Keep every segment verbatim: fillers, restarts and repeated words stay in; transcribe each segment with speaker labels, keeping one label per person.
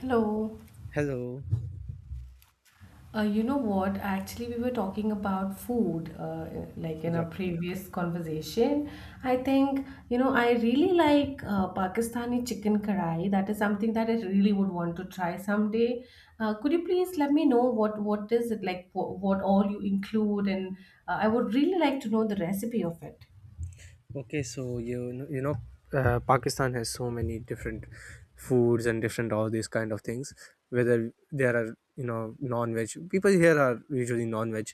Speaker 1: Hello.
Speaker 2: Hello.
Speaker 1: Uh, you know what? Actually, we were talking about food, uh, like in our
Speaker 2: Yeah.
Speaker 1: previous conversation. I think, you know, I really like uh, Pakistani chicken karai. That is something that I really would want to try someday. Uh, could you please let me know what what is it like, what, what all you include, and uh, I would really like to know the recipe of it.
Speaker 2: Okay. So you know, you know, uh, Pakistan has so many different foods and different all these kind of things. Whether there are you know non-veg people here are usually non-veg,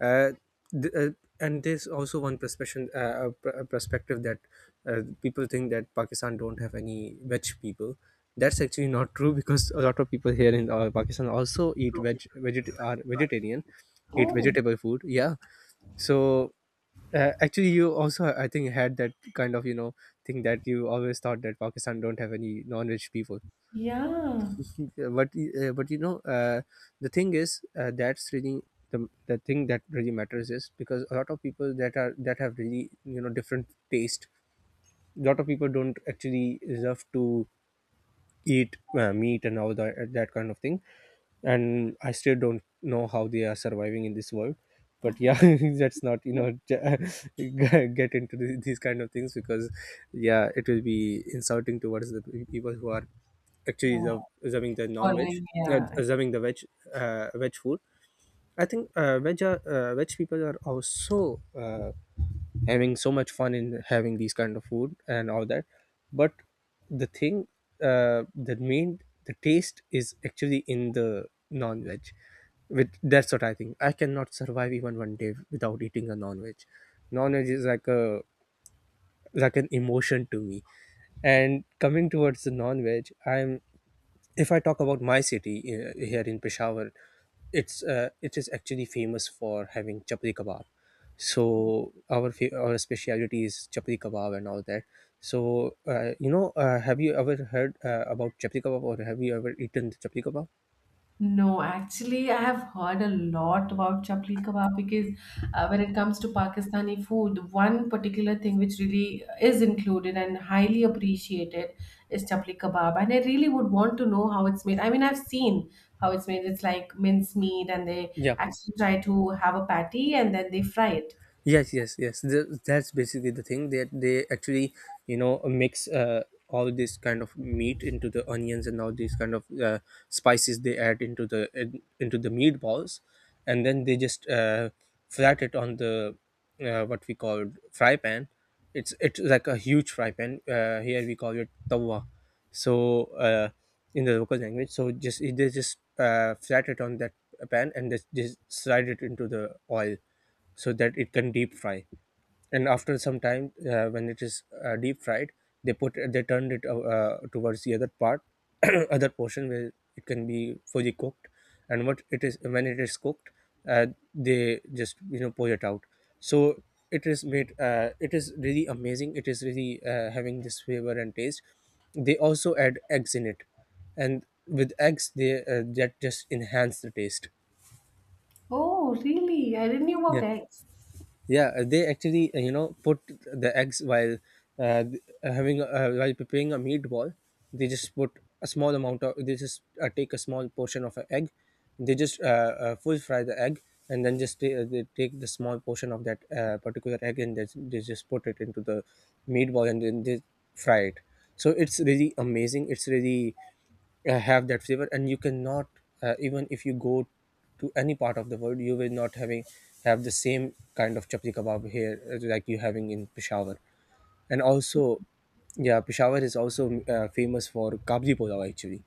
Speaker 2: uh, th- uh, and there's also one perspective uh, a pr- a perspective that uh, people think that Pakistan don't have any veg people. That's actually not true because a lot of people here in uh, Pakistan also eat veg, veget- are vegetarian, eat
Speaker 1: Oh,
Speaker 2: vegetable food. Yeah. So Uh, actually, you also, I think, had that kind of you know thing that you always thought that Pakistan don't have any non-rich people.
Speaker 1: yeah.
Speaker 2: Uh, But uh, but you know, uh, the thing is uh, that's really the the thing that really matters is because a lot of people that are that have really you know different taste. A lot of people don't actually deserve to eat uh, meat and all that, that kind of thing, and I still don't know how they are surviving in this world, but yeah, let's not you know get into the- these kind of things because yeah, it will be insulting towards the people who are
Speaker 1: Yeah,
Speaker 2: actually serv- serving the non-veg,
Speaker 1: following,
Speaker 2: yeah,
Speaker 1: yeah.
Speaker 2: serving the veg uh, veg food. I think uh, veg are, uh, veg people are also uh, having so much fun in having these kind of food and all that. But the thing uh, the main, the taste is actually in the non-veg. With That's what I think, I cannot survive even one day without eating a non-veg. Non-veg is like a, like an emotion to me. And coming towards the non-veg, I'm if I talk about my city, uh, here in Peshawar, it's uh, it is actually famous for having chapli kebab. So our fa- our speciality is chapli kebab and all that. So uh, you know, uh, have you ever heard uh, about chapli kebab, or have you ever eaten the chapli kebab?
Speaker 1: No, actually, I have heard a lot about chapli kebab because uh, when it comes to Pakistani food, one particular thing which really is included and highly appreciated is chapli kebab. And I really would want to know how it's made. I mean, I've seen how it's made. It's like minced meat, and they
Speaker 2: Yeah.
Speaker 1: actually try to have a patty and then they fry it.
Speaker 2: yes yes yes Th- that's basically the thing that they actually you know mix uh, all this kind of meat into the onions and all these kind of uh, spices they add into the in- into the meatballs, and then they just uh, flat it on the, uh, what we call, fry pan. It's it's like a huge fry pan. Uh, here we call it tawa, so uh, in the local language. So just they just uh, flat it on that pan and they just slide it into the oil so that it can deep fry. And after some time, uh, when it is uh, deep fried, they put, they turned it uh, uh, towards the other part, other portion, where it can be fully cooked. And what it is, when it is cooked, uh, they just you know pour it out. So it is made, uh, it is really amazing, it is really uh, having this flavor and taste. They also add eggs in it, and with eggs they uh, that just enhance the taste.
Speaker 1: Oh, really? I didn't know
Speaker 2: Yeah.
Speaker 1: about eggs.
Speaker 2: yeah uh, they actually uh, you know put the eggs while uh, th- uh, having a- uh, while preparing a meatball. They just put a small amount of, they just uh, take a small portion of an egg. They just uh, uh, full fry the egg, and then just ta- uh, they take the small portion of that uh, particular egg, and they, they just put it into the meatball, and then they fry it. So it's really amazing, it's really uh, have that flavor. And you cannot, uh, even if you go to any part of the world, you will not having have the same kind of chapati kebab here, uh, like you having in Peshawar. And also, yeah, Peshawar is also uh, famous for kabli pulao. Actually,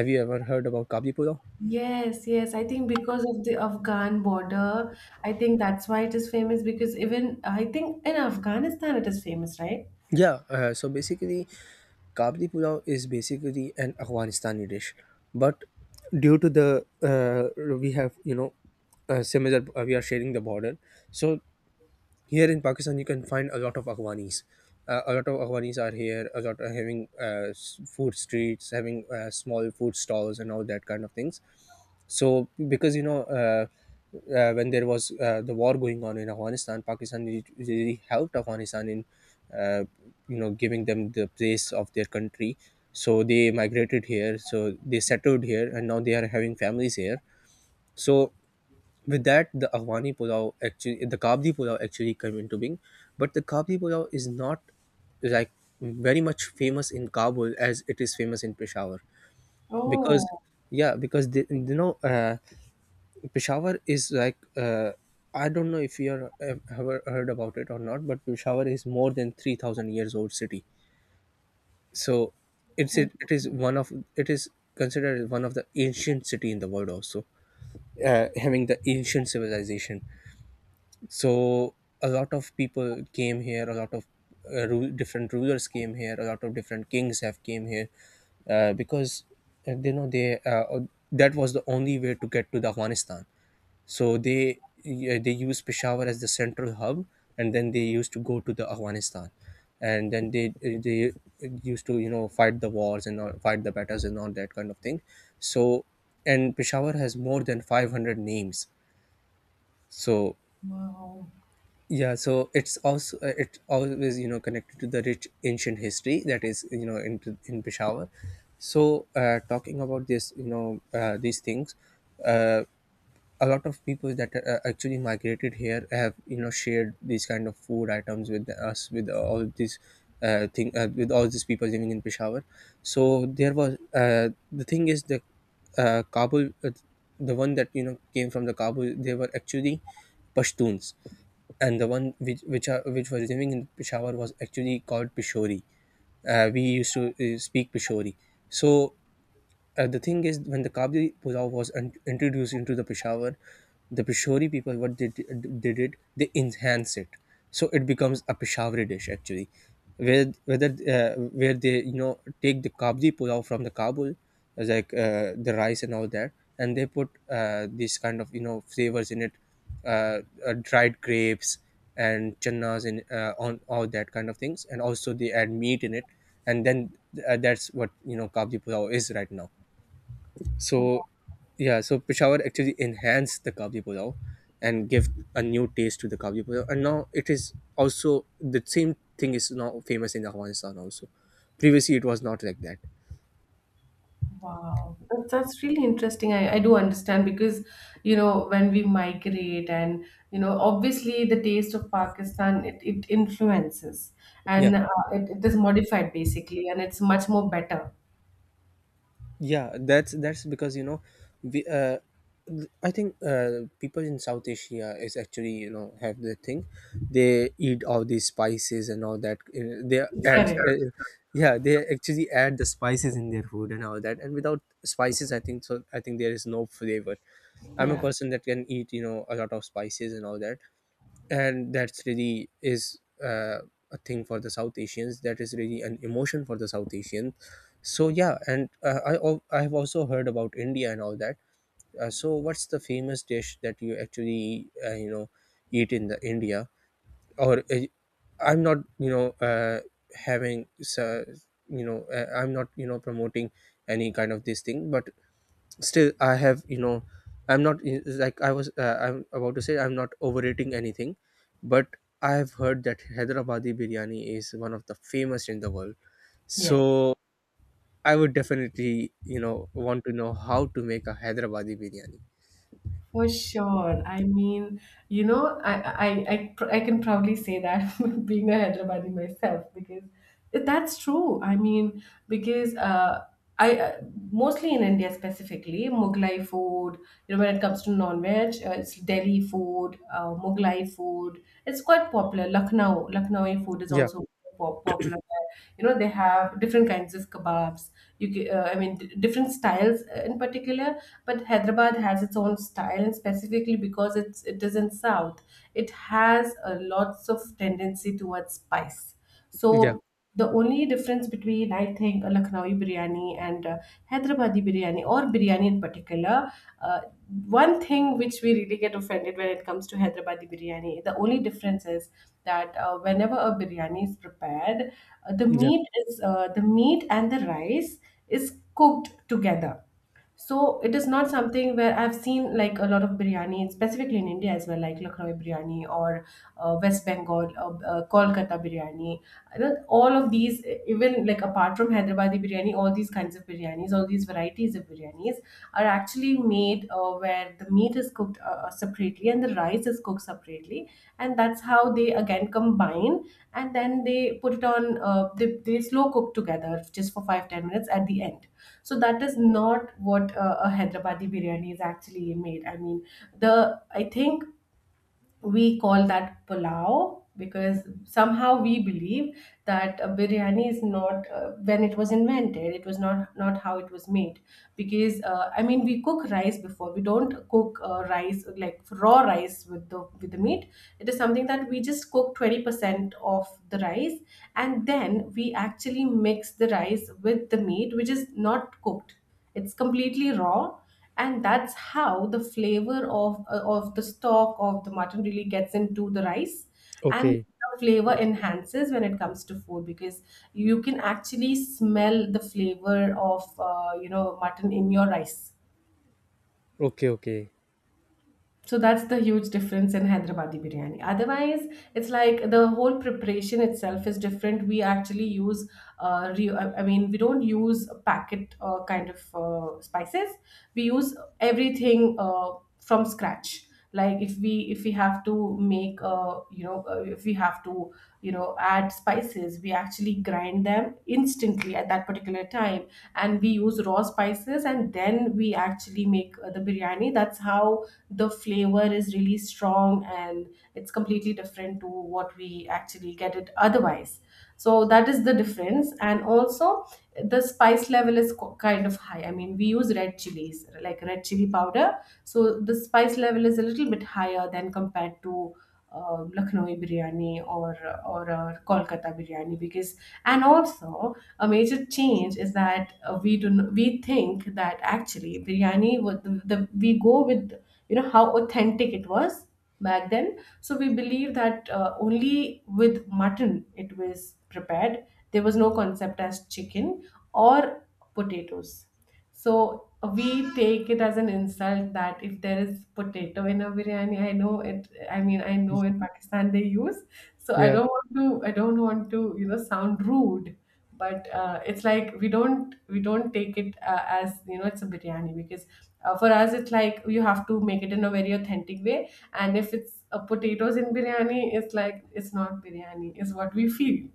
Speaker 2: have you ever heard about kabli pulao?
Speaker 1: Yes, yes. I think because of the Afghan border, I think that's why it is famous because even I think in Afghanistan it is famous, right?
Speaker 2: yeah uh, so basically, kabli pulao is basically an Afghanistani dish, but due to the, uh, we have you know uh, similar uh, we are sharing the border. So here in Pakistan, you can find a lot of Aghwanis. Uh, a lot of Aghwanis are here. A lot are having uh, s- food streets, having uh, small food stalls, and all that kind of things. So, because you know, uh, uh, when there was uh, the war going on in Afghanistan, Pakistan re- really helped Afghanistan in, uh, you know, giving them the place of their country. So they migrated here, so they settled here, and now they are having families here. So with that, the Afghani pulao actually the kabli pulao actually came into being. But the kabli pulao is not like very much famous in Kabul as it is famous in Peshawar, because,
Speaker 1: Oh,
Speaker 2: yeah, because they, you know, uh, Peshawar is like, uh, I don't know if you are, have ever heard about it or not, but Peshawar is more than three thousand years old city. So it's
Speaker 1: oh,
Speaker 2: it, it is one of, it is considered one of the ancient city in the world also, uh, having the ancient civilization. So a lot of people came here, a lot of uh, ru- different rulers came here, a lot of different kings have came here, uh, because uh, you know, they uh, that was the only way to get to the Afghanistan. So they, yeah, they used Peshawar as the central hub, and then they used to go to the Afghanistan. And then they they used to you know fight the wars and all, fight the battles and all that kind of thing. So, and Peshawar has more than five hundred names. So,
Speaker 1: wow.
Speaker 2: yeah, so it's also, uh, it always you know connected to the rich ancient history that is you know in in Peshawar. So uh, talking about this, you know, uh, these things, uh, a lot of people that uh, actually migrated here have you know shared these kind of food items with us, with all these uh, thing uh, with all these people living in Peshawar. So there was, uh, the thing is the uh, Kabul, uh, the one that you know came from the Kabul, they were actually Pashtuns. And the one which which, are, which was living in Peshawar was actually called Peshori. Uh, we used to uh, speak Peshori. So uh, the thing is, when the kabli pulao was un- introduced into the Peshawar, the Peshawari people, what they di- did it? They enhance it, so it becomes a Peshawari dish actually. where whether uh, where they you know take the kabli pulao from the Kabul, as like uh, the rice and all that, and they put uh, these kind of you know flavors in it, uh, uh, dried grapes and channas and uh, on all that kind of things, and also they add meat in it. And then, uh, that's what you know kabli pulao is right now. So yeah, so Peshawar actually enhanced the kabli pulao and give a new taste to the kabli pulao. And now it is also, the same thing is now famous in Afghanistan also. Previously, it was not like that.
Speaker 1: Wow. That's, that's really interesting. I, I do understand because, you know, when we migrate and, you know, obviously the taste of Pakistan, it, it influences
Speaker 2: Yeah.
Speaker 1: and uh, it, it is modified basically and it's much more better.
Speaker 2: Yeah, that's that's because you know we uh th- I think uh people in South Asia is actually you know have the thing, they eat all these spices and all that. Uh, they add
Speaker 1: Correct.
Speaker 2: uh, Yeah, they actually add the spices in their food and all that. And without spices, I think so, I think there is no flavor. I'm a
Speaker 1: Yeah.
Speaker 2: person that can eat you know a lot of spices and all that. And that's really is, uh, a thing for the South Asians, that is really an emotion for the South Asian. So yeah. And uh, i al- I have also heard about India and all that. Uh, so what's the famous dish that you actually uh, you know eat in the India? Or uh, I'm not you know uh, having so, you know, uh, I'm not you know promoting any kind of this thing. But still I have you know, I'm not I- like I was, uh, I'm about to say, I'm not overrating anything, but I have heard that Hyderabadi biryani is one of the famous in the world.
Speaker 1: Yes.
Speaker 2: So I would definitely you know want to know how to make a Hyderabadi biryani.
Speaker 1: For sure. I mean, you know, I I, I, pr- I can proudly say that being a Hyderabadi myself, because that's true. I mean, because uh, I uh, mostly in India, specifically Mughlai food. You know, when it comes to non-veg, uh, it's Delhi food, uh, Mughlai food. It's quite popular. Lucknow, Lucknowi food is
Speaker 2: Yeah,
Speaker 1: also po- popular. You know, they have different kinds of kebabs. You ca- uh, I mean, d- different styles uh, in particular, but Hyderabad has its own style, and specifically because it's it is in south, it has a lots of tendency towards spice.
Speaker 2: yeah,
Speaker 1: So the only difference between, I think, a Lucknowi biryani and uh, Hyderabadi biryani or biryani in particular, uh, one thing which we really get offended when it comes to Hyderabadi biryani, the only difference is that uh, whenever a biryani is prepared, uh, the
Speaker 2: yeah.
Speaker 1: meat is, uh, the meat and the rice is cooked together. So it is not something where I've seen like a lot of biryani, specifically in India as well, like Lucknow biryani or uh, West Bengal, uh, uh, Kolkata biryani. You know, all of these, even like apart from Hyderabadi biryani, all these kinds of biryanis, all these varieties of biryanis are actually made uh, where the meat is cooked uh, uh, separately and the rice is cooked separately, and that's how they again combine and then they put it on. Uh, they they slow cook together just for five ten minutes at the end. So that is not what uh, a Hyderabadi biryani is actually made. I mean, the I think we call that pulao because somehow we believe that uh, biryani is not, uh, when it was invented it was not, not how it was made, because uh, I mean we cook rice before, we don't cook uh, rice like raw rice with the with the meat. It is something that we just cook twenty percent of the rice, and then we actually mix the rice with the meat which is not cooked, it's completely raw, and that's how the flavor of uh, of the stock of the mutton really gets into the rice, and
Speaker 2: Okay,
Speaker 1: the flavor enhances when it comes to food, because you can actually smell the flavor of uh, you know mutton in your rice.
Speaker 2: okay, okay.
Speaker 1: So that's the huge difference in Hyderabadi biryani. Otherwise, it's like the whole preparation itself is different. We actually use, uh, re- I I mean, we don't use packet uh, kind of uh, spices. We use everything uh, from scratch. Like if we if we have to make, uh, you know, uh, if we have to, you know, add spices, we actually grind them instantly at that particular time, and we use raw spices, and then we actually make uh, the biryani. That's how the flavor is really strong, and it's completely different to what we actually get it otherwise. So that is the difference, and also the spice level is co- kind of high, I mean we use red chilies like red chili powder, so the spice level is a little bit higher than compared to uh, Lucknowi biryani or or uh, Kolkata biryani, because and also a major change is that uh, we do n- we think that actually biryani would the, the, we go with you know how authentic it was back then. So we believe that uh, only with mutton it was prepared. There was no concept as chicken or potatoes. So we take it as an insult that if there is potato in a biryani, I know it. I mean, I know in Pakistan they use. So I
Speaker 2: Yeah,
Speaker 1: don't want to. I don't want to, you know, sound rude. But uh, it's like we don't we don't take it uh, as you know it's a biryani because uh, for us it's like you have to make it in a very authentic way. And if it's uh, potatoes in biryani, it's like it's not biryani. Is what we feel.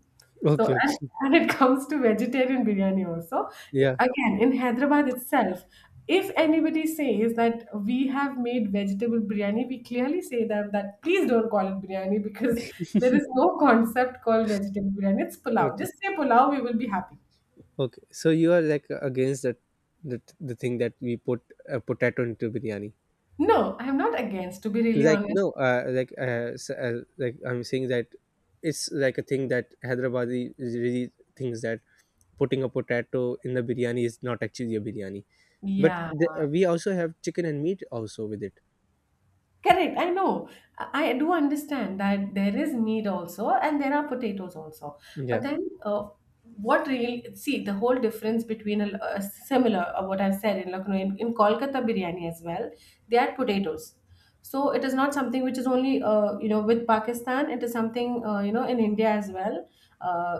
Speaker 1: So,
Speaker 2: okay,
Speaker 1: and,
Speaker 2: okay.
Speaker 1: and it comes to vegetarian biryani also.
Speaker 2: Yeah,
Speaker 1: Again, in Hyderabad itself, if anybody says that we have made vegetable biryani, we clearly say them that please don't call it biryani, because there is no concept called vegetable biryani. It's pulao.
Speaker 2: okay,
Speaker 1: Just say pulao, we will be happy.
Speaker 2: okay. So you are like against that, the, the thing that we put a potato into biryani.
Speaker 1: No, I'm not against, to be really
Speaker 2: Like
Speaker 1: honest.
Speaker 2: no, uh, like uh, s- uh, like I'm saying that it's like a thing that Hyderabadi is really thinks that putting a potato in the biryani is not actually a biryani. But
Speaker 1: Yeah.
Speaker 2: the, uh, we also have chicken and meat also with it.
Speaker 1: Correct. I know. I I do understand that there is meat also, and there are potatoes also. But
Speaker 2: Yeah,
Speaker 1: then, uh, what really see the whole difference between a, a similar uh, what I've said in Lucknow in, in Kolkata biryani as well, they add potatoes. So it is not something which is only uh, you know with Pakistan. It is something uh, you know in India as well. Uh,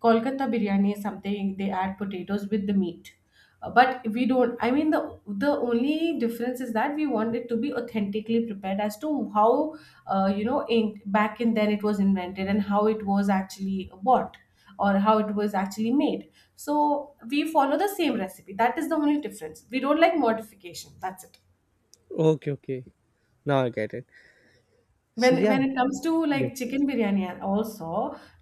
Speaker 1: Kolkata biryani is something they add potatoes with the meat. Uh, but we don't, I mean the the only difference is that we want it to be authentically prepared as to how uh, you know in back in then it was invented, and how it was actually bought or how it was actually made, so we follow the same recipe. That is the only difference, we don't like modification, that's it.
Speaker 2: okay, okay, now I get it. So
Speaker 1: when
Speaker 2: yeah,
Speaker 1: when it comes to
Speaker 2: yeah,
Speaker 1: like chicken biryani also,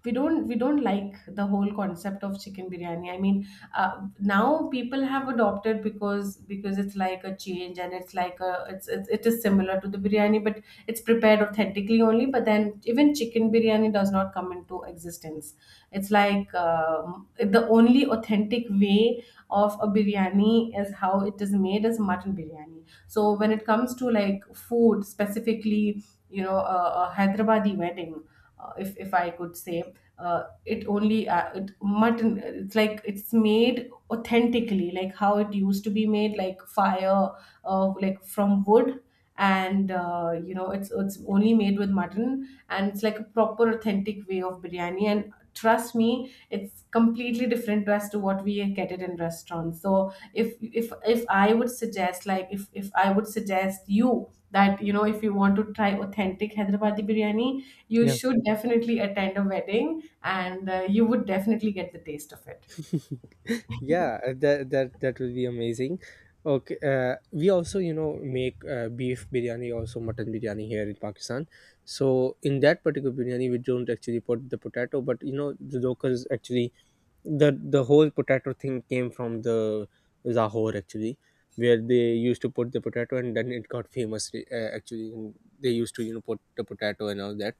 Speaker 1: we don't we don't like the whole concept of chicken biryani, I mean uh, now people have adopted because because it's like a change, and it's like a it's, it's it is similar to the biryani but it's prepared authentically only, but then even chicken biryani does not come into existence. It's like um, the only authentic way of a biryani is how it is made is mutton biryani. So when it comes to like food specifically, you know, a, a Hyderabadi wedding, uh, if if I could say, uh, it only uh, it, mutton. It's like it's made authentically, like how it used to be made, like fire, uh, like from wood, and uh, you know it's it's only made with mutton, and it's like a proper authentic way of biryani. And trust me, it's completely different as to what we get it in restaurants. So if if if I would suggest, like if if I would suggest you that you know, if you want to try authentic Hyderabadi biryani, you
Speaker 2: yeah.
Speaker 1: should definitely attend a wedding and uh, you would definitely get the taste of it.
Speaker 2: Yeah, uh, that, that that will be amazing. Okay, uh, we also you know make uh, beef biryani, also mutton biryani here in Pakistan. So in that particular biryani, we don't actually put the potato, but you know the locals actually the the whole potato thing came from the Lahore actually, where they used to put the potato and then it got famous uh, actually. And they used to you know put the potato and all that.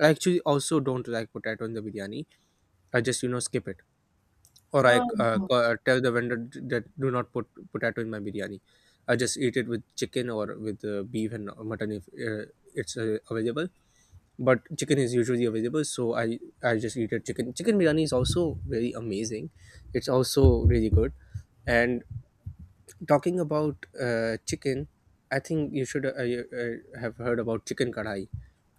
Speaker 2: I actually also don't like potato in the biryani. I just you know skip it or I uh,
Speaker 1: Oh
Speaker 2: co- uh, tell the vendor that do not put potato in my biryani. I just eat it with chicken or with uh, beef and mutton if uh, it's uh, available. But chicken is usually available, so I I just eat it. Chicken chicken biryani is also very amazing. It's also really good. And talking about uh, chicken, I think you should uh, you, uh, have heard about chicken kadai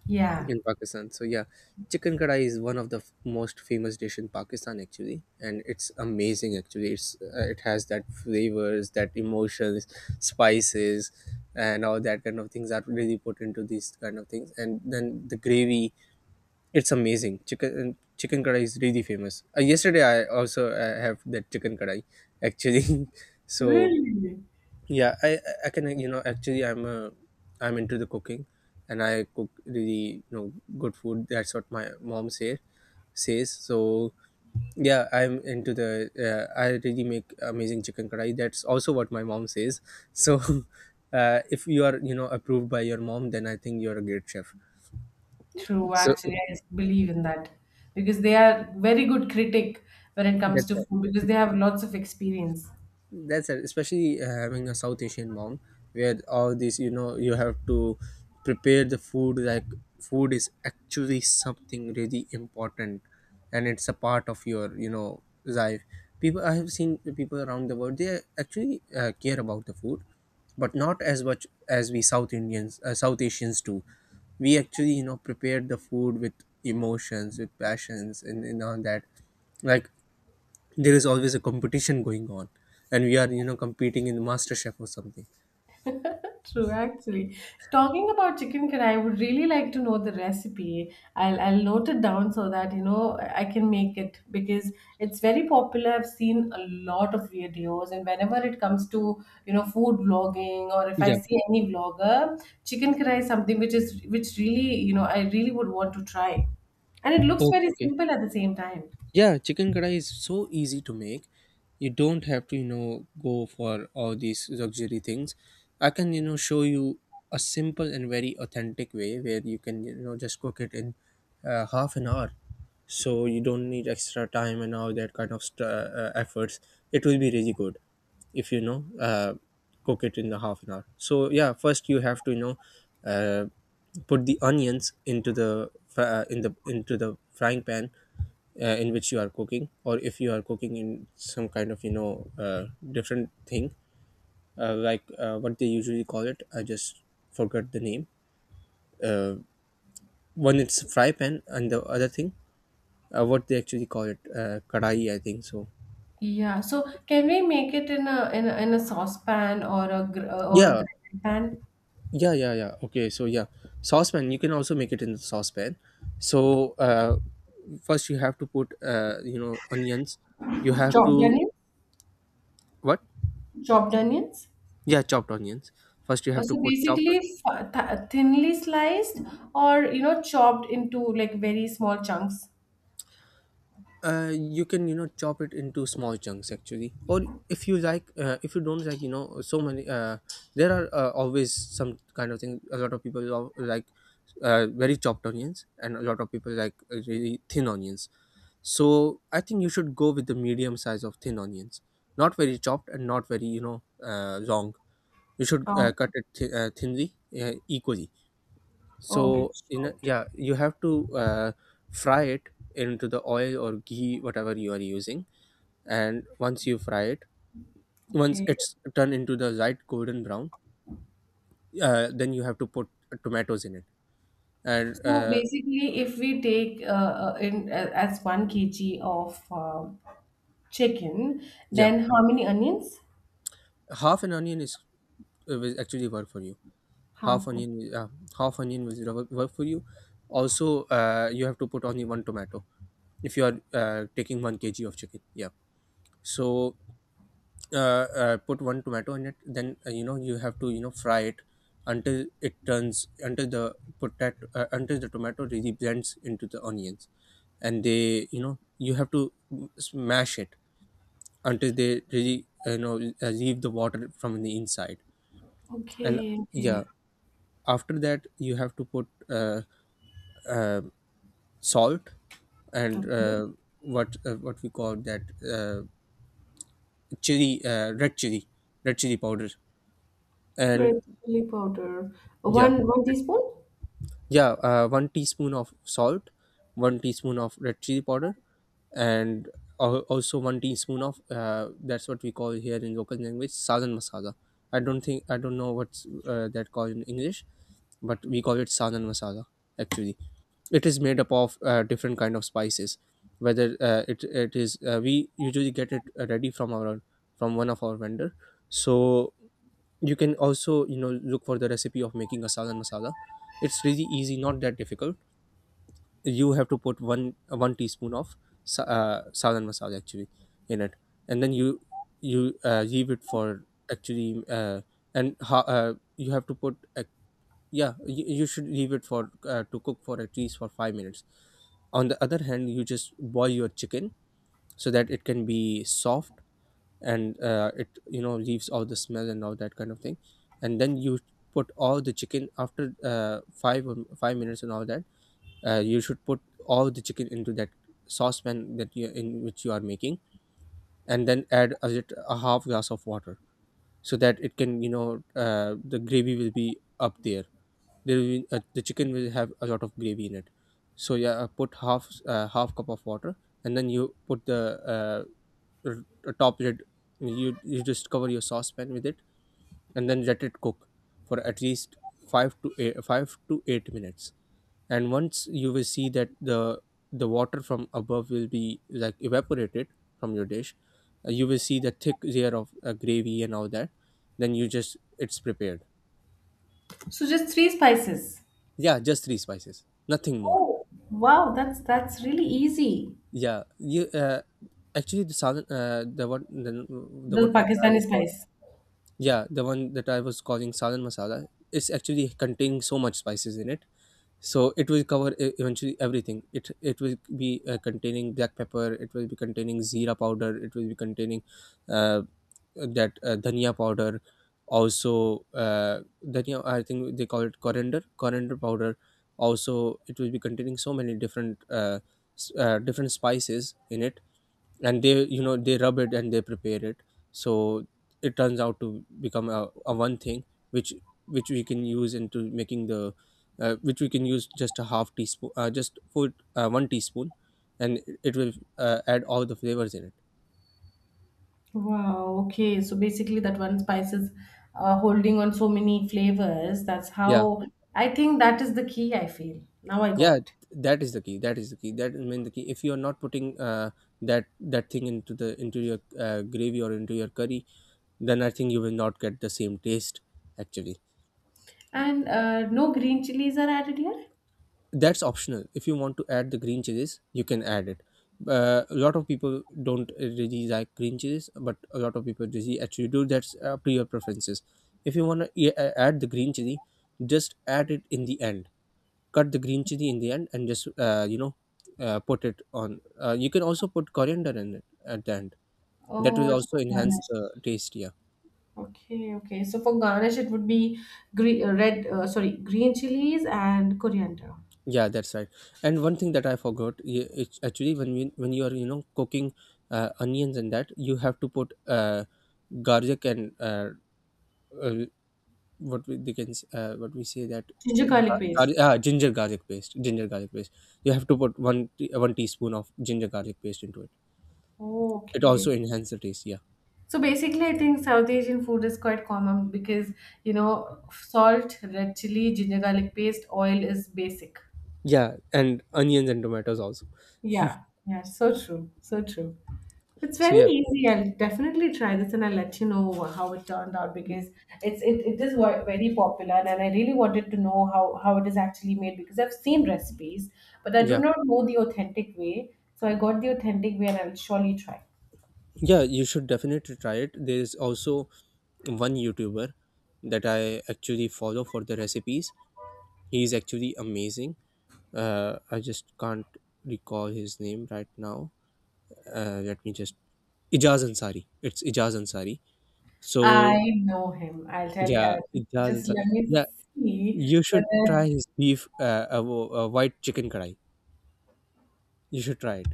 Speaker 1: yeah,
Speaker 2: in Pakistan. So yeah, chicken kadai is one of the f- most famous dish in Pakistan actually, and it's amazing actually. It's uh, it has that flavors, that emotions, spices, and all that kind of things are really put into these kind of things. And then the gravy, it's amazing. Chicken uh, chicken kadai is really famous. Uh, yesterday I also uh, have that chicken kadai actually. So
Speaker 1: really.
Speaker 2: yeah i i i can you know actually i'm a i'm into the cooking, and I cook really you know good food. That's what my mom say says. So yeah, I'm into the uh, I really make amazing chicken kadai. That's also what my mom says. So uh, if you are you know approved by your mom, then I think you're a great chef.
Speaker 1: True,
Speaker 2: So
Speaker 1: actually, I believe in that because they are very good critic when it comes
Speaker 2: that's
Speaker 1: to food,
Speaker 2: it.
Speaker 1: because they have lots of experience.
Speaker 2: That's it. Especially uh, having a South Asian mom, where all these, you know, you have to prepare the food. Like food is actually something really important, and it's a part of your, you know, life. People, I have seen people around the world. They actually uh, care about the food, but not as much as we South Indians, uh, South Asians do. We actually, you know, prepare the food with emotions, with passions, and, and all that. Like there is always a competition going on, and we are you know competing in master chef or something.
Speaker 1: True, actually. Talking about chicken curry, I would really like to know the recipe. I'll I'll note it down so that you know I can make it, because it's very popular. I've seen a lot of videos, and whenever it comes to you know food vlogging, or if I
Speaker 2: Yeah.
Speaker 1: see any vlogger, chicken curry is something which is which really you know I really would want to try, and it looks
Speaker 2: Okay.
Speaker 1: very
Speaker 2: Okay.
Speaker 1: simple at the same time.
Speaker 2: Yeah, chicken kadai is so easy to make. You don't have to, you know, go for all these luxury things. I can, you know, show you a simple and very authentic way where you can, you know, just cook it in uh, half an hour. So you don't need extra time and all that kind of st- uh, uh, efforts. It will be really good if you know uh, cook it in the half an hour. So yeah, first you have to, you know, uh, put the onions into the fr- uh, in the into the frying pan uh, in which you are cooking, or if you are cooking in some kind of you know uh, different thing, uh, like uh, what they usually call it, I just forgot the name. uh, One it's fry pan, and the other thing, uh, what they actually call it, uh, kadai, I think. So
Speaker 1: Yeah. So can we make it in a in a, in a saucepan or a gr- or a
Speaker 2: yeah
Speaker 1: griddle pan?
Speaker 2: yeah yeah yeah, okay, so yeah, saucepan, you can also make it in the saucepan. So uh, first you have to put uh, you know onions. You have
Speaker 1: Chopped
Speaker 2: to.
Speaker 1: onion.
Speaker 2: What?
Speaker 1: Chopped onions.
Speaker 2: Yeah, chopped onions. First you
Speaker 1: Uh,
Speaker 2: have to
Speaker 1: so
Speaker 2: put chopped
Speaker 1: basically,
Speaker 2: onions.
Speaker 1: f- th- thinly sliced or you know chopped into like very small chunks.
Speaker 2: Uh, you can you know chop it into small chunks actually, or if you like uh, if you don't like you know so many uh, there are uh, always some kind of thing. A lot of people lo- like uh, very chopped onions, and a lot of people like uh, really thin onions. So I think you should go with the medium size of thin onions, not very chopped and not very you know uh, long. You should uh,
Speaker 1: Oh,
Speaker 2: cut it th- uh, thinly, uh, equally.
Speaker 1: okay,
Speaker 2: So in a,
Speaker 1: chopped.
Speaker 2: yeah, you have to uh, fry it into the oil or ghee, whatever you are using. And once you fry it, once
Speaker 1: Okay.
Speaker 2: it's turned into the light golden brown, uh, then you have to put tomatoes in it. And
Speaker 1: So
Speaker 2: uh,
Speaker 1: basically, if we take uh, uh, in uh, as one kilogram of uh, chicken,
Speaker 2: yeah,
Speaker 1: then how many onions?
Speaker 2: half an onion is uh, will actually work for you. Half
Speaker 1: Half.
Speaker 2: onion, uh, half onion will work work for you. Also uh, you have to put only one tomato if you are uh, taking one k g of chicken, yeah. So uh, uh, put one tomato in it. Then uh, you know you have to you know fry it until it turns, until the potato uh, until the tomato really blends into the onions. And they you know you have to smash it until they really uh, you know uh, leave the water from the inside. And
Speaker 1: Okay,
Speaker 2: yeah,
Speaker 1: okay,
Speaker 2: after that you have to put uh, uh, salt and
Speaker 1: okay.
Speaker 2: uh, what uh, what we call that, uh, chili uh, red chili, red chili powder. And
Speaker 1: Red chili powder.
Speaker 2: yeah,
Speaker 1: One one teaspoon.
Speaker 2: yeah uh, one teaspoon of salt, one teaspoon of red chili powder, and al- also one teaspoon of uh, that's what we call here in local language salan masala. I don't think I don't know what's uh, that called in English, but we call it salan masala. Actually it is made up of uh, different kind of spices. Whether uh, it it is uh, we usually get it uh, ready from our, from one of our vendor. So you can also you know look for the recipe of making a salan masala. It's really easy, not that difficult. You have to put one one teaspoon of sa- uh, salan masala actually in it. And then you you uh, leave it for actually, uh, and ha- uh, you have to put uh, yeah you, you should leave it for uh, to cook for at least for five minutes. On the other hand, you just boil your chicken so that it can be soft, and uh, it you know leaves all the smell and all that kind of thing. And then you put all the chicken after uh, five or five minutes and all that. Uh, you should put all the chicken into that saucepan that you in which you are making. And then add a, lit- a half glass of water, so that it can you know uh, the gravy will be up there. There will be, uh, the chicken will have a lot of gravy in it. So yeah, uh, put half, uh, half cup of water. And then you put the uh r- top red, you you just cover your saucepan with it, and then let it cook for at least 5 to 8 5 to eight minutes. And once you will see that the the water from above will be like evaporated from your dish, uh, you will see the thick layer of uh, gravy and all that. Then you just, it's prepared.
Speaker 1: So just three spices.
Speaker 2: Yeah, just three spices, nothing more.
Speaker 1: Oh, wow, that's that's really easy.
Speaker 2: Yeah, you uh, actually the southern uh, the what the, the
Speaker 1: The
Speaker 2: what what I
Speaker 1: Pakistani
Speaker 2: was calling.
Speaker 1: spice.
Speaker 2: Yeah, the one that I was calling salan masala, it's actually containing so much spices in it. So it will cover e- eventually everything. It it will be uh, containing black pepper. It will be containing zira powder. It will be containing uh, that uh, dhania powder. Also, uh, dhania. I think they call it coriander. Coriander powder. Also, it will be containing so many different uh, s- uh, different spices in it. And they you know they rub it and they prepare it, so it turns out to become a, a one thing which which we can use into making the uh, which we can use just a half teaspoon, uh, just put uh, one teaspoon, and it will uh, add all the flavors in it.
Speaker 1: Wow, okay. So basically, that one spice is uh, holding on so many flavors. That's
Speaker 2: Yeah,
Speaker 1: how I think that is the key, I feel. Now I got
Speaker 2: yeah,
Speaker 1: it.
Speaker 2: that is the key, that is the key, that is main the key. If you are not putting uh, that that thing into the into your uh, gravy or into your curry, then I think you will not get the same taste actually.
Speaker 1: And uh, no green chilies are added here?
Speaker 2: That's optional. If you want to add the green chilies, you can add it. Uh, a lot of people don't really like green chilies, but a lot of people really actually do. That's up to your preferences. If you want to add the green chili, just add it in the end. Cut the green chili in the end and just uh, you know uh, put it on. Uh, you can also put coriander in it at the end. That
Speaker 1: Oh,
Speaker 2: will
Speaker 1: it's
Speaker 2: also enhance
Speaker 1: garnish.
Speaker 2: the taste, yeah.
Speaker 1: Okay, okay. So for garnish, it would be green, uh, red, uh, sorry, green chilies and coriander,
Speaker 2: Yeah, that's right. And one thing that I forgot, y- it's actually when you, when you are you know cooking uh, onions and that, you have to put uh, garlic and uh, uh, what we they can s- uh, what we say that,
Speaker 1: ginger garlic
Speaker 2: gar-
Speaker 1: paste.
Speaker 2: gar- ah, ginger garlic paste, ginger garlic paste. You have to put one te- one teaspoon of ginger garlic paste into it.
Speaker 1: Oh,
Speaker 2: It
Speaker 1: okay.
Speaker 2: also enhances the taste. Yeah,
Speaker 1: So basically, I think South Asian food is quite common because you know salt, red chili, ginger garlic paste, oil is basic.
Speaker 2: yeah, and onions and tomatoes also.
Speaker 1: Yeah, yeah, so true, so true. It's
Speaker 2: So
Speaker 1: very
Speaker 2: yeah,
Speaker 1: easy. I'll definitely try this and I'll let you know how it turned out because it's it, it is wa- very popular and I really wanted to know how how it is actually made because I've seen recipes but I do
Speaker 2: yeah,
Speaker 1: not know the authentic way. So I got the authentic way and I'll surely try.
Speaker 2: yeah. You should definitely try it. There is also one YouTuber that I actually follow for the recipes. He is actually amazing. uh, I just can't recall his name right now. Uh, let me just, Ijaz Ansari, it's Ijaz Ansari. So
Speaker 1: I know him. I'll tell you.
Speaker 2: yeah,
Speaker 1: Uh,
Speaker 2: Ijaz
Speaker 1: just
Speaker 2: Ansari.
Speaker 1: let me
Speaker 2: Yeah,
Speaker 1: see
Speaker 2: you should try
Speaker 1: whether.
Speaker 2: his beef, uh, uh, wo- uh, white chicken kadai. You should try it.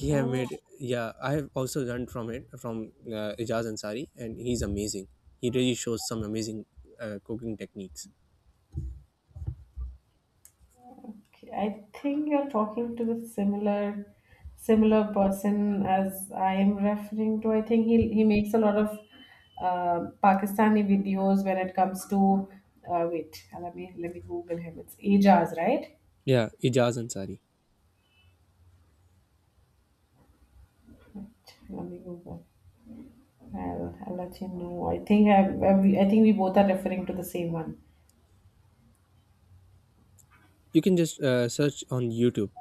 Speaker 2: He have
Speaker 1: Oh,
Speaker 2: made. Yeah, I have also learned from it from uh, Ijaz Ansari, and he's amazing. He really shows some amazing uh, cooking techniques.
Speaker 1: okay. I think you're talking to the similar, similar person as I am referring to. I think he he makes a lot of uh, Pakistani videos when it comes to. Uh, wait, let me let me Google him. It's Ajaz, right?
Speaker 2: Yeah, Ijaz Ansari.
Speaker 1: Right. Let me Google. I'll, I'll let you know. I think I, I, we- I think we both are referring to the same one.
Speaker 2: You can just uh, search on YouTube.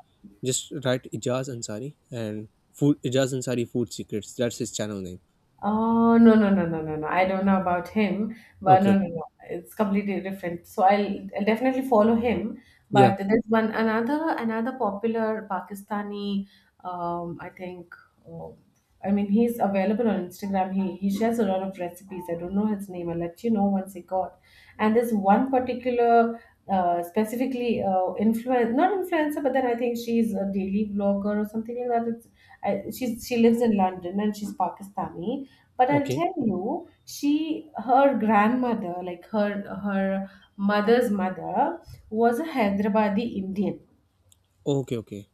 Speaker 2: Just write Ijaz Ansari and food, Ijaz Ansari food secrets. That's his channel name.
Speaker 1: Oh, no, no, no, no, no, no. I don't know about him, but no,
Speaker 2: Okay.
Speaker 1: no, no. It's completely different. So I'll, I'll definitely follow him.
Speaker 2: Yeah.
Speaker 1: But there's one another another popular Pakistani. Um, I think. Uh, I mean, he's available on Instagram. He he shares a lot of recipes. I don't know his name. I'll let you know once he got. And there's one particular uh, specifically uh, influence not influencer, but then I think she's a daily vlogger or something like that. It's I, she's, she lives in London and she's Pakistani, but I'll
Speaker 2: Okay.
Speaker 1: tell you, she her grandmother, like her her mother's mother was a Hyderabadi Indian.
Speaker 2: Okay. Okay.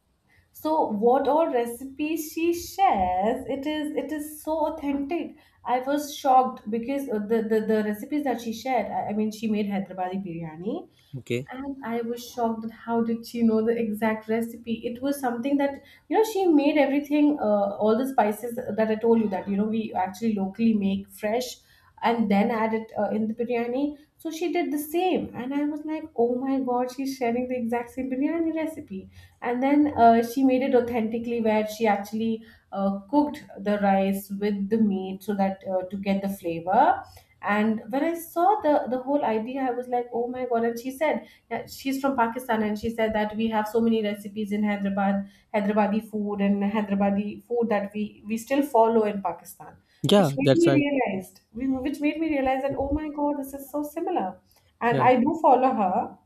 Speaker 1: So what all recipes she shares, it is, it is so authentic. I was shocked because uh, the the, the recipes that she shared, I, I mean, she made Hyderabadi biryani,
Speaker 2: Okay.
Speaker 1: and I was shocked that how did she know the exact recipe. It was something that you know she made everything. Uh, all the spices that I told you that you know we actually locally make fresh and then add it uh, in the biryani. So she did the same and I was like, oh my god, she's sharing the exact same biryani recipe. And then uh, she made it authentically where she actually uh, cooked the rice with the meat so that uh, to get the flavor. And when I saw the the whole idea, I was like, oh my god. And she said, yeah, she's from Pakistan, and she said that we have so many recipes in Hyderabad, Hyderabadi food, and Hyderabadi food that we we still follow in Pakistan, which
Speaker 2: Yeah.
Speaker 1: made
Speaker 2: That's
Speaker 1: me
Speaker 2: right.
Speaker 1: realized, we- which made me realize that oh my god, this is so similar, and
Speaker 2: Yeah.
Speaker 1: I do follow her,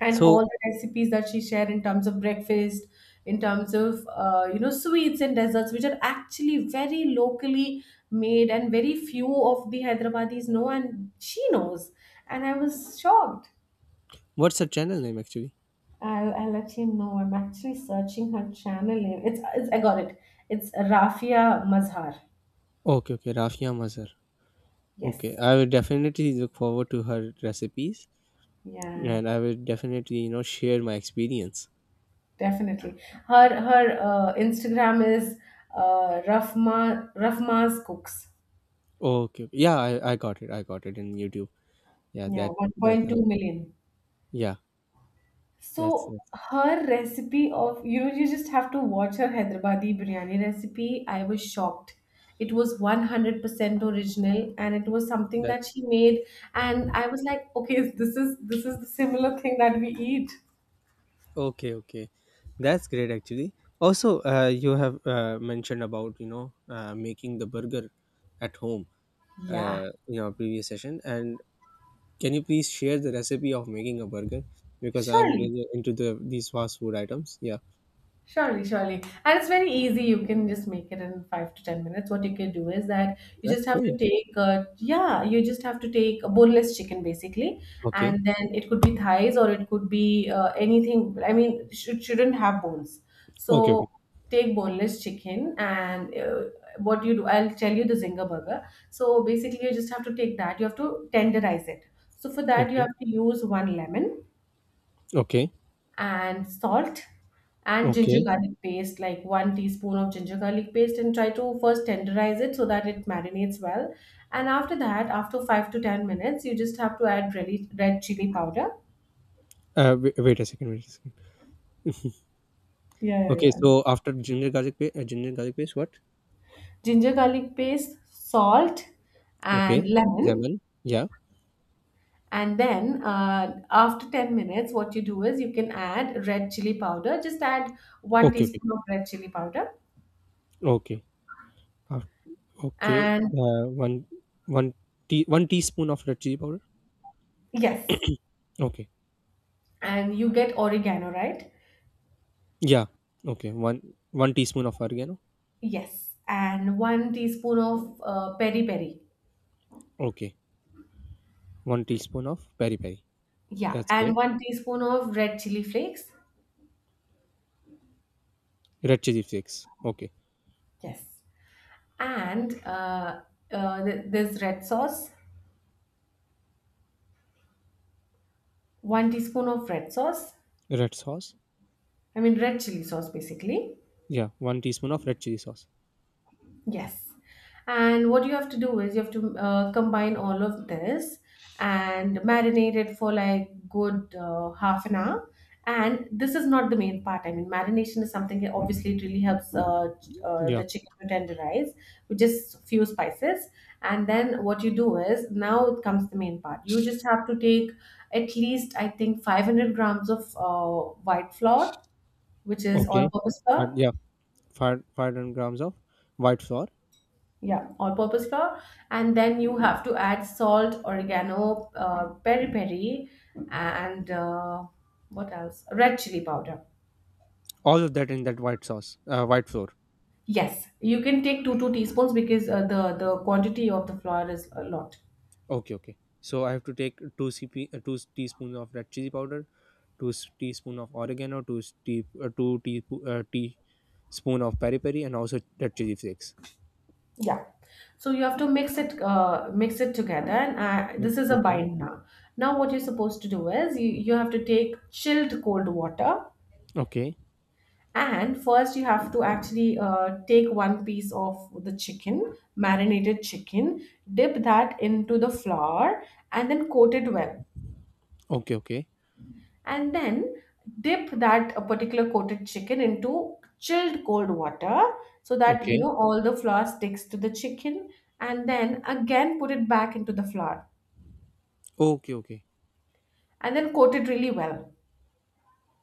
Speaker 1: and all
Speaker 2: So
Speaker 1: the recipes that she shared in terms of breakfast, in terms of uh, you know sweets and desserts, which are actually very locally made, and very few of the Hyderabadis know, and she knows, and I was shocked.
Speaker 2: what's her channel name actually?
Speaker 1: I'll, I'll let you know. I'm actually searching her channel name. It's, it's I got it. It's Rafia Mazhar.
Speaker 2: Okay. Okay. Rafia Mazhar. Okay.
Speaker 1: Yes.
Speaker 2: I will definitely look forward to her recipes,
Speaker 1: Yeah,
Speaker 2: and I will definitely you know share my experience.
Speaker 1: definitely. Her her uh, Instagram is uh, Rafma Rafma's Cooks.
Speaker 2: Okay, okay. Yeah. I, I got it. I got it in YouTube. Yeah.
Speaker 1: Yeah,
Speaker 2: That that's um,
Speaker 1: one point two million.
Speaker 2: yeah. That's
Speaker 1: So
Speaker 2: that's
Speaker 1: her recipe of you know you just have to watch her Hyderabadi biryani recipe. I was shocked. It was one hundred percent original and it was something that
Speaker 2: that's
Speaker 1: she made, and I was like, okay, this is this is the similar thing that we eat.
Speaker 2: okay, okay, that's great actually. Also, uh, you have uh, mentioned about you know uh, making the burger at home
Speaker 1: Yeah,
Speaker 2: uh, in our previous session, and can you please share the recipe of making a burger, because I'm
Speaker 1: surely.
Speaker 2: really into the these fast food items. Yeah,
Speaker 1: Surely, surely. And it's very easy. You can just make it in five to ten minutes. What you can do is that you
Speaker 2: that's
Speaker 1: just have
Speaker 2: great.
Speaker 1: to take, uh, yeah, you just have to take a boneless chicken basically.
Speaker 2: Okay,
Speaker 1: And then it could be thighs or it could be uh, anything. I mean, it should, shouldn't have bones.
Speaker 2: okay, okay,
Speaker 1: So take boneless chicken and uh, what you do, I'll tell you the Zinger burger. So basically, you just have to take that. You have to tenderize it. So for that, you
Speaker 2: okay,
Speaker 1: have to use one lemon
Speaker 2: okay,
Speaker 1: and salt and ginger
Speaker 2: okay.
Speaker 1: garlic paste, like one teaspoon of ginger garlic paste, and try to first tenderize it so that it marinates well. And after that, after five to ten minutes, you just have to add really red chili powder.
Speaker 2: Uh, wait, wait a second, wait a second.
Speaker 1: Yeah, yeah,
Speaker 2: Okay,
Speaker 1: yeah.
Speaker 2: so after ginger garlic paste, uh, ginger garlic paste, what?
Speaker 1: Ginger garlic paste, salt,
Speaker 2: Okay,
Speaker 1: and lemon.
Speaker 2: lemon. Yeah.
Speaker 1: And then uh, after ten minutes, what you do is you can add red chili powder. Just add one
Speaker 2: Okay, okay,
Speaker 1: teaspoon of red chili powder.
Speaker 2: okay. Okay,
Speaker 1: And
Speaker 2: uh, one one tea one teaspoon of red chili powder.
Speaker 1: yes.
Speaker 2: Okay,
Speaker 1: And you get oregano, right?
Speaker 2: yeah. Okay, one one teaspoon of oregano.
Speaker 1: Yes, and one teaspoon of uh, peri peri.
Speaker 2: Okay, one teaspoon of peri peri.
Speaker 1: Yeah,
Speaker 2: That's
Speaker 1: and
Speaker 2: great.
Speaker 1: one teaspoon of red chili flakes.
Speaker 2: Red chili flakes. Okay,
Speaker 1: Yes, and uh, uh, th- this red sauce, one teaspoon of red sauce.
Speaker 2: red sauce.
Speaker 1: I mean, red chili sauce basically.
Speaker 2: Yeah, one teaspoon of red chili sauce.
Speaker 1: Yes. And what you have to do is you have to uh, combine all of this and marinate it for like good uh, half an hour. And this is not the main part. I mean, marination is something that obviously it really helps uh, ch- uh,
Speaker 2: Yeah.
Speaker 1: the chicken to tenderize with just few spices. And then what you do is, now it comes the main part. You just have to take at least, I think, five hundred grams of uh, white flour, which is
Speaker 2: Okay.
Speaker 1: all purpose
Speaker 2: Fi-
Speaker 1: flour.
Speaker 2: yeah, five five hundred grams of white flour.
Speaker 1: Yeah, all-purpose flour. And then you have to add salt, oregano, uh, peri peri, and uh, what else, red chili powder.
Speaker 2: All of that in that white sauce. Uh, white flour.
Speaker 1: Yes, you can take two two teaspoons because uh, the the quantity of the flour is a lot.
Speaker 2: Okay, okay. So I have to take two CP, uh, two s- teaspoons of red chili powder, two s- teaspoon of oregano, two tea, uh, two teaspoon, uh, teaspoon of peri peri, and also red chili flakes.
Speaker 1: Yeah, so you have to mix it, uh, mix it together, and uh,
Speaker 2: Mm,
Speaker 1: this is a
Speaker 2: okay,
Speaker 1: bind now. Now what you're supposed to do is you, you have to take chilled cold water.
Speaker 2: okay,
Speaker 1: And first, you have to actually uh, take one piece of the chicken, marinated chicken, dip that into the flour, and then coat it well.
Speaker 2: okay, okay,
Speaker 1: And then dip that uh, particular coated chicken into chilled cold water so that you
Speaker 2: okay,
Speaker 1: know all the flour sticks to the chicken. And then again, put it back into the flour
Speaker 2: okay, okay,
Speaker 1: and then coat it really well.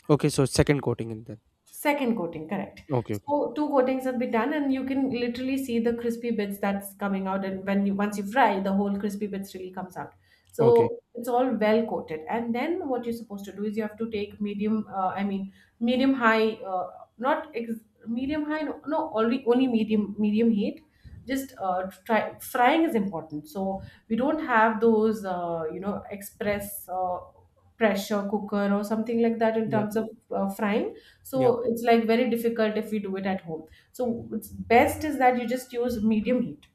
Speaker 2: okay. So second coating in that.
Speaker 1: Second coating, correct.
Speaker 2: Okay, okay,
Speaker 1: So two coatings have been done, and you can literally see the crispy bits that's coming out. And when you once you fry, the whole crispy bits really comes out.
Speaker 2: okay.
Speaker 1: So it's all well coated. And then what you're supposed to do is you have to take medium, uh, I mean medium high, uh, not ex- medium high, no, no, only only medium medium heat. Just uh, try frying is important. So we don't have those, uh, you know, express uh, pressure cooker or something like that in
Speaker 2: Yeah,
Speaker 1: terms of uh, frying,
Speaker 2: yeah.
Speaker 1: so it's like very difficult if we do it at home. So it's best is that you just use medium heat.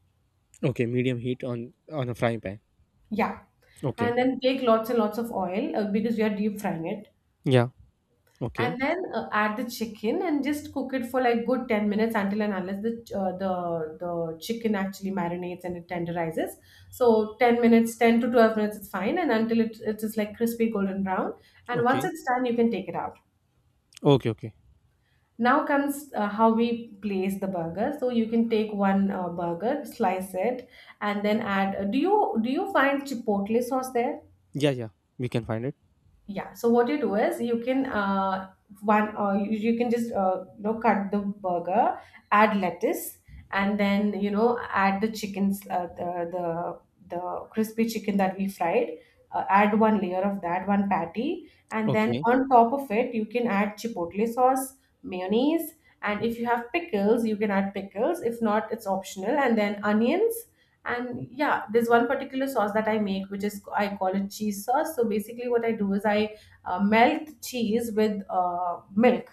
Speaker 2: Okay, medium heat on on a frying pan.
Speaker 1: Yeah.
Speaker 2: Okay.
Speaker 1: And then take lots and lots of oil uh, because you are deep frying it.
Speaker 2: Yeah. Okay.
Speaker 1: And then uh, add the chicken and just cook it for like good ten minutes until and unless the uh, the the chicken actually marinates and it tenderizes. So ten minutes, ten to twelve minutes is fine and until it, it is like crispy golden brown. And once
Speaker 2: Okay.
Speaker 1: it's done, you can take it out.
Speaker 2: Okay. Okay.
Speaker 1: Now comes uh, how we place the burger. So you can take one uh, burger, slice it, and then add. Uh, do you do you find chipotle sauce there?
Speaker 2: Yeah. Yeah. We can find it.
Speaker 1: Yeah, so what you do is you can uh, one uh, you, you can just uh, you know cut the burger, add lettuce, and then you know add the chickens uh, the, the the crispy chicken that we fried. Uh, add one layer of that one patty, and then
Speaker 2: Okay.
Speaker 1: on top of it you can add chipotle sauce, mayonnaise, and if you have pickles you can add pickles, if not it's optional, and then onions. And yeah, there's one particular sauce that I make, which is, I call it cheese sauce. So basically what I do is I uh, melt cheese with uh, milk.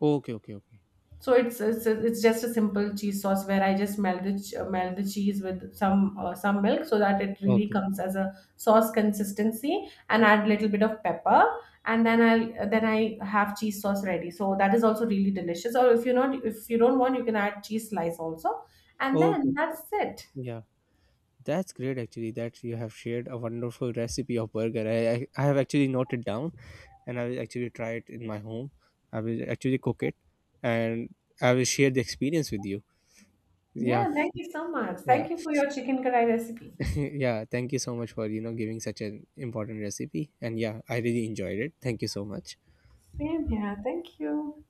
Speaker 2: Okay. Okay. Okay.
Speaker 1: So it's, it's it's just a simple cheese sauce where I just melt the ch- melt the cheese with some uh, some milk so that it really
Speaker 2: Okay.
Speaker 1: comes as a sauce consistency, and add a little bit of pepper. And then I then i have cheese sauce ready. So that is also really delicious. Or if you're not, if you don't want, you can add cheese slice also. And
Speaker 2: Okay.
Speaker 1: then that's it.
Speaker 2: Yeah. That's great, actually, that you have shared a wonderful recipe of burger. I, I, I have actually noted down, and I will actually try it in my home. I will actually cook it, and I will share the experience with you. Yeah,
Speaker 1: Yeah, thank you so much.
Speaker 2: yeah,
Speaker 1: Thank you for your chicken karai recipe.
Speaker 2: yeah. Thank you so much for, you know, giving such an important recipe. And yeah, I really enjoyed it. Thank you so much.
Speaker 1: Same here. Thank you.